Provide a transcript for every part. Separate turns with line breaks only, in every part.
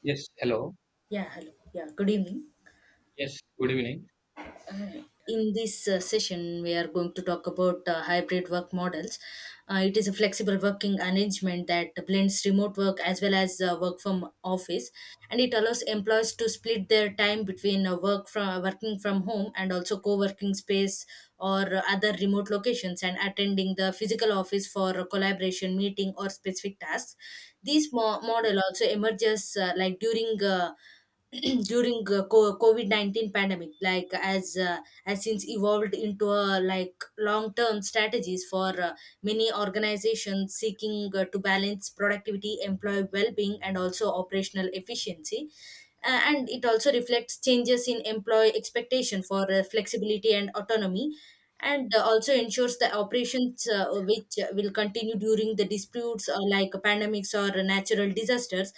Yes, hello.
Yeah, hello. Yeah, good evening.
Yes, good evening.
In this session, we are going to talk about hybrid work models. It is a flexible working arrangement that blends remote work as well as work from office, and it allows employees to split their time between working from home and also co-working space or other remote locations and attending the physical office for collaboration, meeting, or specific tasks. This model also emerges during during covid-19 pandemic as since evolved into a like long-term strategies for many organizations seeking to balance productivity employee well-being and also operational efficiency. And it also reflects changes in employee expectation for flexibility and autonomy, and also ensures the operations which will continue during the disputes or like pandemics or natural disasters.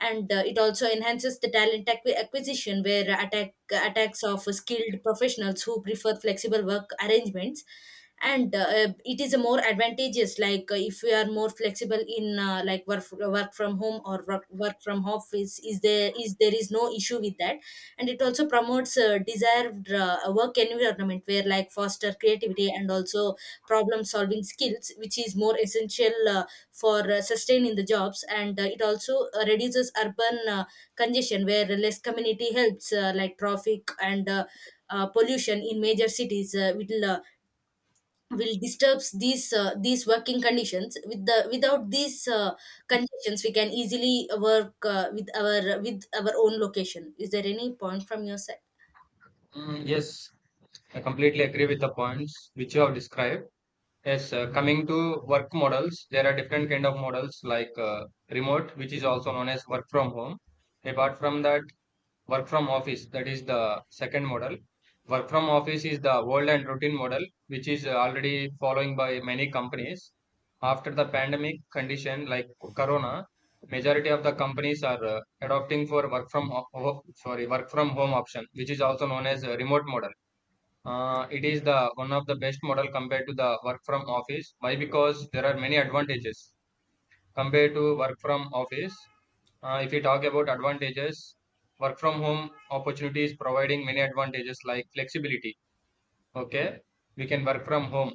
And it also enhances the talent acquisition where attacks of skilled professionals who prefer flexible work arrangements, and it is a more advantageous like if we are more flexible in work from home or work from office is there is no issue with that. And it also promotes desired work environment where like foster creativity and also problem solving skills which is more essential for sustaining the jobs. And it also reduces urban congestion where less community helps like traffic and pollution in major cities will disturbs these working conditions. With the without these conditions we can easily work with our own location. Is there any point from your side?
Mm, yes, I completely agree with the points which you have described. Yes, coming to work models, there are different kind of models like remote, which is also known as work from home. Apart from that, work from office, that is the second model. Work from office is the old and routine model which is already following by many companies. After the pandemic condition like corona, majority of the companies are adopting for work from ho- ho- sorry work from home option, which is also known as a remote model. It is the one of the best model compared to the work from office. Why? Because there are many advantages compared to work from office. If you talk about advantages, work from home opportunities providing many advantages like flexibility. Okay, we can work from home.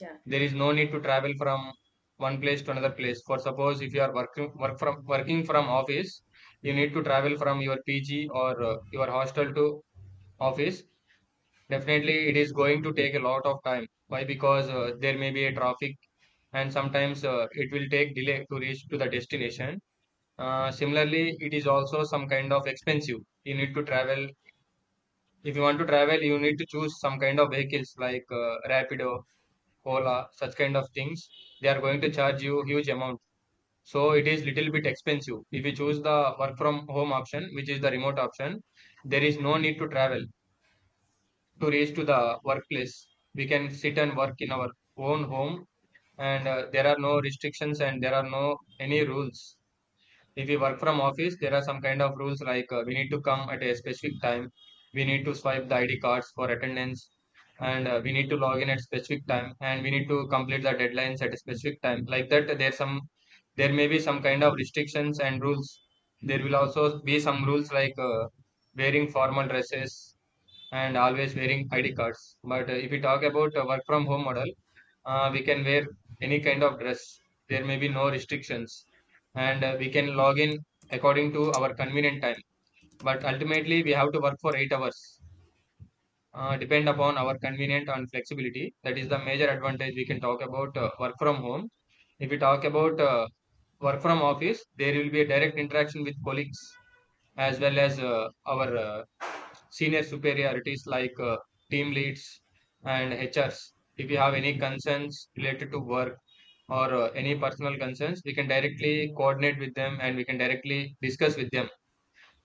Yeah,
There is no need to travel from one place to another place. For suppose if you are working working from office, you need to travel from your PG or your hostel to office. Definitely, it is going to take a lot of time. Why? Because there may be a traffic, and sometimes it will take delay to reach to the destination. Similarly, it is also some kind of expensive. You need to travel. If you want to travel, you need to choose some kind of vehicles like Rapido, Ola, such kind of things. They are going to charge you huge amount. So it is little bit expensive. If you choose the work from home option, which is the remote option, there is no need to travel to reach to the workplace. We can sit and work in our own home, and there are no restrictions and there are no any rules. If we work from office, there are some kind of rules like we need to come at a specific time, we need to swipe the id cards for attendance, and we need to log in at specific time and we need to complete the deadlines at a specific time. Like that, there may be some kind of restrictions and rules. There will also be some rules like wearing formal dresses and always wearing id cards. But if we talk about work from home model, we can wear any kind of dress, there may be no restrictions, and we can log in according to our convenient time, but ultimately we have to work for 8 hours depend upon our convenient and flexibility. That is the major advantage we can talk about work from home. If we talk about work from office, there will be a direct interaction with colleagues as well as our senior superiorities like team leads and hrs. If you have any concerns related to work or any personal concerns, we can directly coordinate with them and we can directly discuss with them.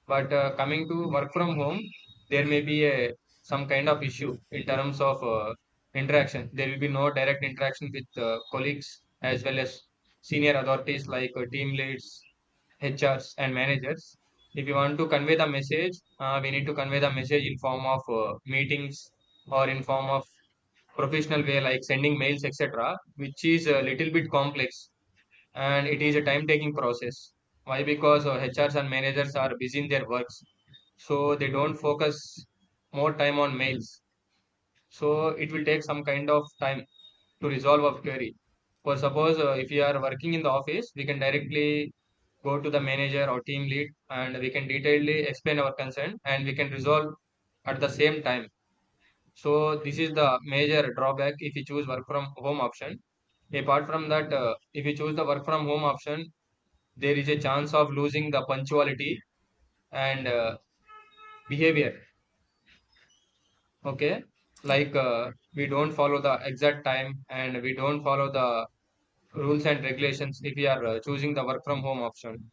But coming to work from home, there may be a, some kind of issue in terms of interaction. There will be no direct interaction with colleagues as well as senior authorities like team leads, H Rs, and managers. If you want to convey the message, we need to convey the message in form of meetings or in form of professional way like sending mails, etc., which is a little bit complex and it is a time taking process. Why? Because HRs and managers are busy in their works, so they don't focus more time on mails. So it will take some kind of time to resolve a query. For suppose if you are working in the office, we can directly go to the manager or team lead and we can detailedly explain our concern and we can resolve at the same time. So this is the major drawback if you choose work from home option. Apart from that, if you choose the work from home option, there is a chance of losing the punctuality and behavior. Okay,
yeah,
like we don't follow the exact time and we don't follow the rules and regulations if we are choosing the work from home option.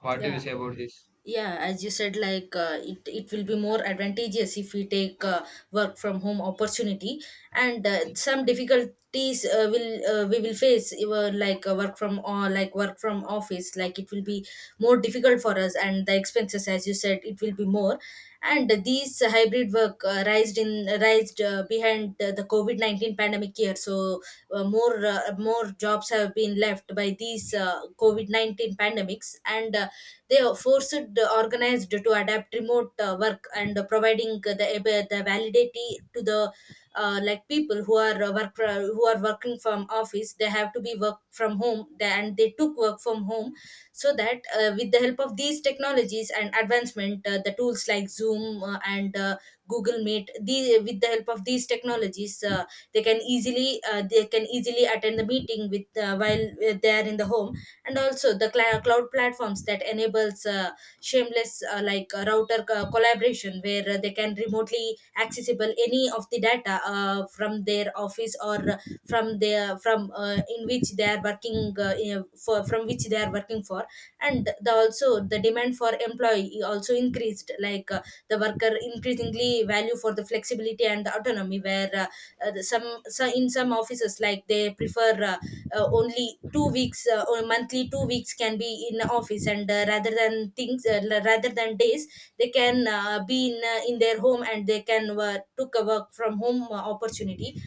What do you
yeah.
say about this?
Yeah as you said, like it will be more advantageous if we take work from home opportunity. And some difficulties will we will face like work from office, like it will be more difficult for us, and the expenses, as you said, it will be more. And these hybrid work rised behind the covid-19 pandemic year, so more jobs have been left by these covid-19 pandemics, and they are forced organized to adapt remote work and providing the validity to the like people who are work who are working from office. They have to be work from home and they took work from home. So that with the help of these technologies and advancement, the tools like zoom and google meet, with the help of these technologies they can easily attend the meeting with while they are in the home. And also the cloud platforms that enables shameless collaboration where they can remotely accessible any of the data from their office or from their from in which they are working in- for from which they are working for. And the also the demand for employee also increased, like the worker increasingly value for the flexibility and the autonomy where so in some offices like they prefer only 2 weeks or monthly 2 weeks can be in the office, and rather than days they can be in their home, and they can took a work from home opportunity.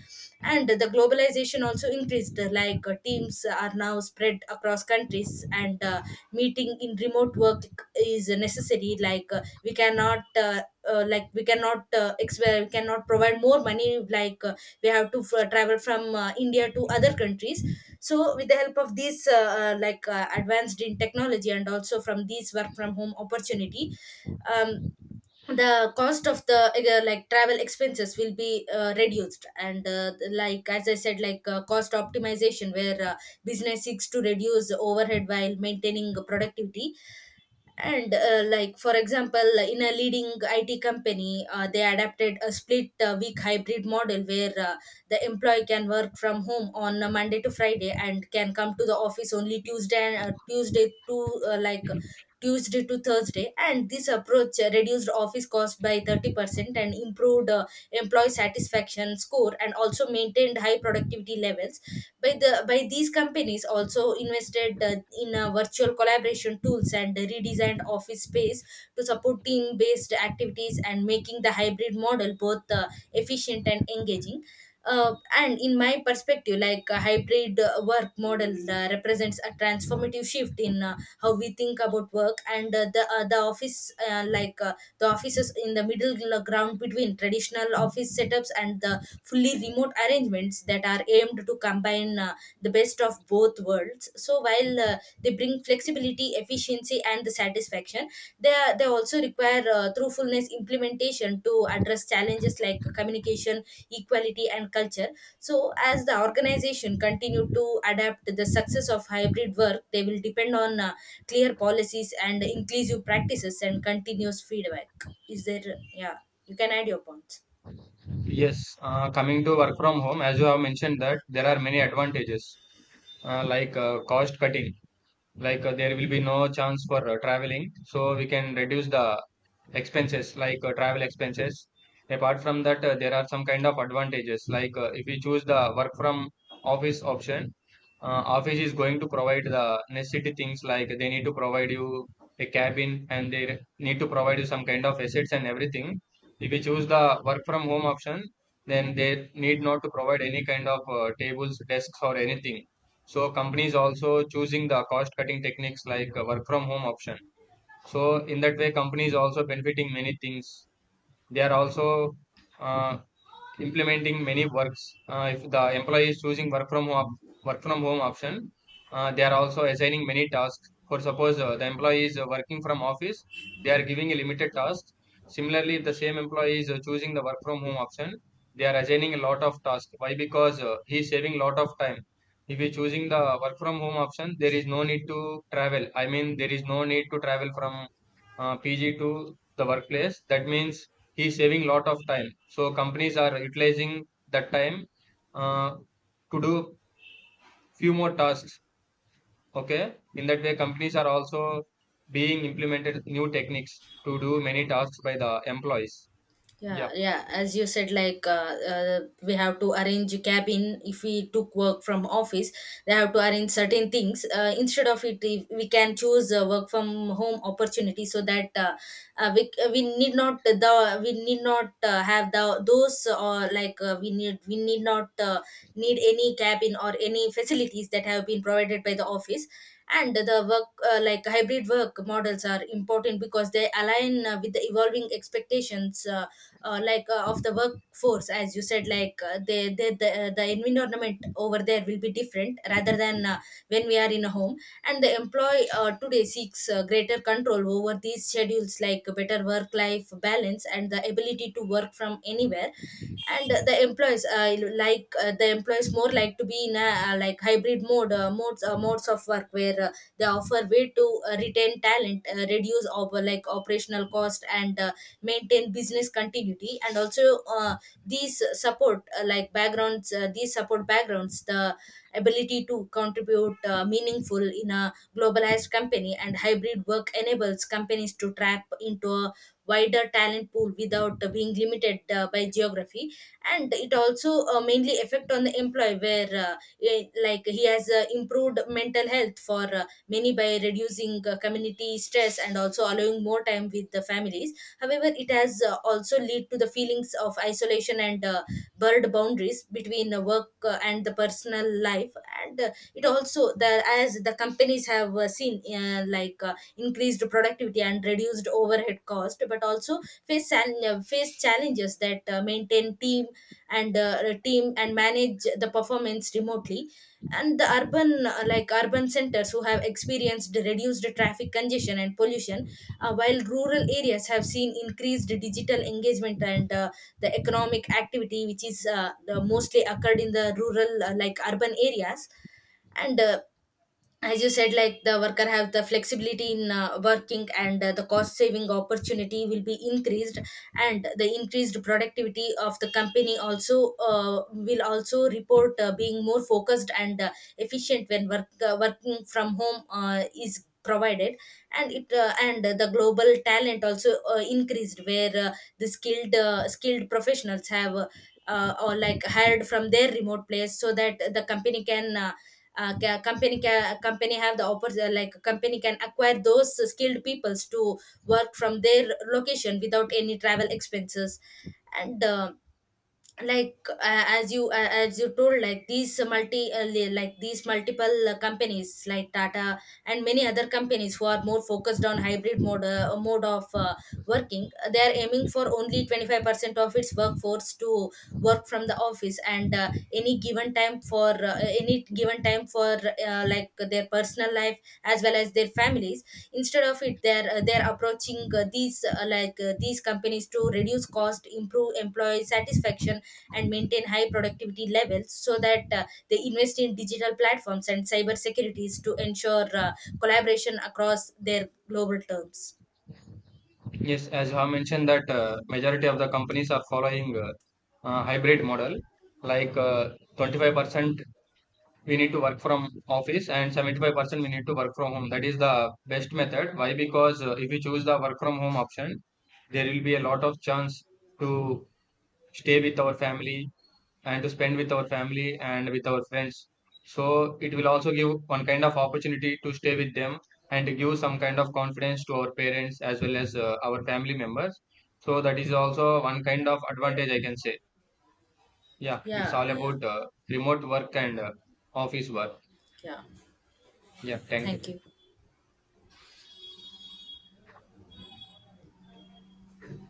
And the globalization also increased, like teams are now spread across countries, and meeting in remote work is necessary. Like we cannot we cannot provide more money, like we have to travel from India to other countries. So with the help of these advanced in technology and also from these work from home opportunity, um, the cost of the like travel expenses will be reduced. And as I said, like cost optimization where business seeks to reduce overhead while maintaining productivity. And for example, in a leading IT company, they adapted a split week hybrid model where the employee can work from home on a monday to friday and can come to the office only tuesday, and tuesday to thursday. And this approach reduced office cost by 30% and improved employee satisfaction score and also maintained high productivity levels. By the by these companies also invested in virtual collaboration tools and redesigned office space to support team based activities and making the hybrid model both efficient and engaging. And in my perspective, like a hybrid work model represents a transformative shift in how we think about work and the office the offices in the middle ground between traditional office setups and the fully remote arrangements that are aimed to combine the best of both worlds. So while they bring flexibility efficiency and the satisfaction, they they also require truthfulness implementation to address challenges like communication equality and culture. So as the organization continue to adapt the success of hybrid work, they will depend on clear policies and inclusive practices and continuous feedback. Is there, yeah, you can add your points.
Yes, coming to work from home, as you have mentioned that there are many advantages, like cost cutting, like there will be no chance for traveling, so we can reduce the expenses like travel expenses. Apart from that, there are some kind of advantages like if we choose the work from office option, office is going to provide the necessity things like they need to provide you a cabin and need to provide you some kind of assets and everything. If we choose the work from home option, then they need not to provide any kind of tables, desks or anything. So companies also choosing the cost cutting techniques like work from home option. So in that way, companies also benefiting many things. They are also uh, implementing many works. If the employee is choosing work from home option, they are also assigning many tasks. For suppose the employee is working from office, they are giving a limited task. Similarly, if the same employee is choosing the work from home option, they are assigning a lot of tasks. Why? Because he is saving a lot of time. If you choosing the work from home option, there is no need to travel. I mean, there is no need to travel from PG to the workplace. That means he's saving lot of time, so companies are utilizing that time uh, to do few more tasks. Okay, in that way companies are also being implemented new techniques to do many tasks by the employees. Yeah.
Yeah, yeah. As you said, like we have to arrange a cabin if we took work from office. They have to arrange certain things. Instead of it, if we can choose work from home opportunity, so that uh, we uh, we need not the we need not have the those, or like we need not need any cabin or any facilities that have been provided by the office. And the work hybrid work models are important because they align with the evolving expectations. Of the workforce, as you said, like they the environment over there will be different rather than when we are in a home. And the employee today seeks greater control over these schedules like better work life balance and the ability to work from anywhere. And the employees more like to be in a like hybrid mode modes modes of work where they offer way to retain talent, reduce operational cost, and maintain business continuity, and also these support backgrounds the ability to contribute meaningful in a globalized company. And hybrid work enables companies to tap into a wider talent pool without being limited by geography. And it also mainly affect on the employee where like he has improved mental health for many, by reducing community stress and also allowing more time with the families. However, it has also lead to the feelings of isolation and blurred boundaries between work and the personal life. And it also the as the companies have seen increased productivity and reduced overhead cost, but also face challenges that maintain team and team and manage the performance remotely. And the urban urban centers who have experienced reduced traffic congestion and pollution, while rural areas have seen increased digital engagement and the economic activity which is the mostly occurred in the rural like urban areas. And as you said, like the worker have the flexibility in working, and the cost saving opportunity will be increased. And the increased productivity of the company also will also report being more focused and efficient when working from home is provided. And it and the global talent also increased where the skilled skilled professionals have or like hired from their remote place, so that the company can company have the opportunity, like company can acquire those skilled peoples to work from their location without any travel expenses. And as you told, like these multi li- like these multiple companies like tata and many other companies who are more focused on hybrid mode mode of working, they are aiming for only 25% of its workforce to work from the office and any given time for like their personal life as well as their families. Instead of it, they're approaching these companies to reduce cost, improve employee satisfaction, and maintain high productivity levels. So that they invest in digital platforms and cyber securities to ensure collaboration across their global terms.
Yes, as I mentioned that majority of the companies are following hybrid model, like 25% we need to work from office and 75% we need to work from home. That is the best method. Why? Because if we choose the work from home option, there will be a lot of chance to stay with our family and to spend with our family and with our friends. So it will also give one kind of opportunity to stay with them and to give some kind of confidence to our parents as well as our family members. So that is also one kind of advantage I can say. Yeah, it's
Yeah,
all
yeah,
about remote work and office work.
yeah.
Yeah, thank
Thank you.
you.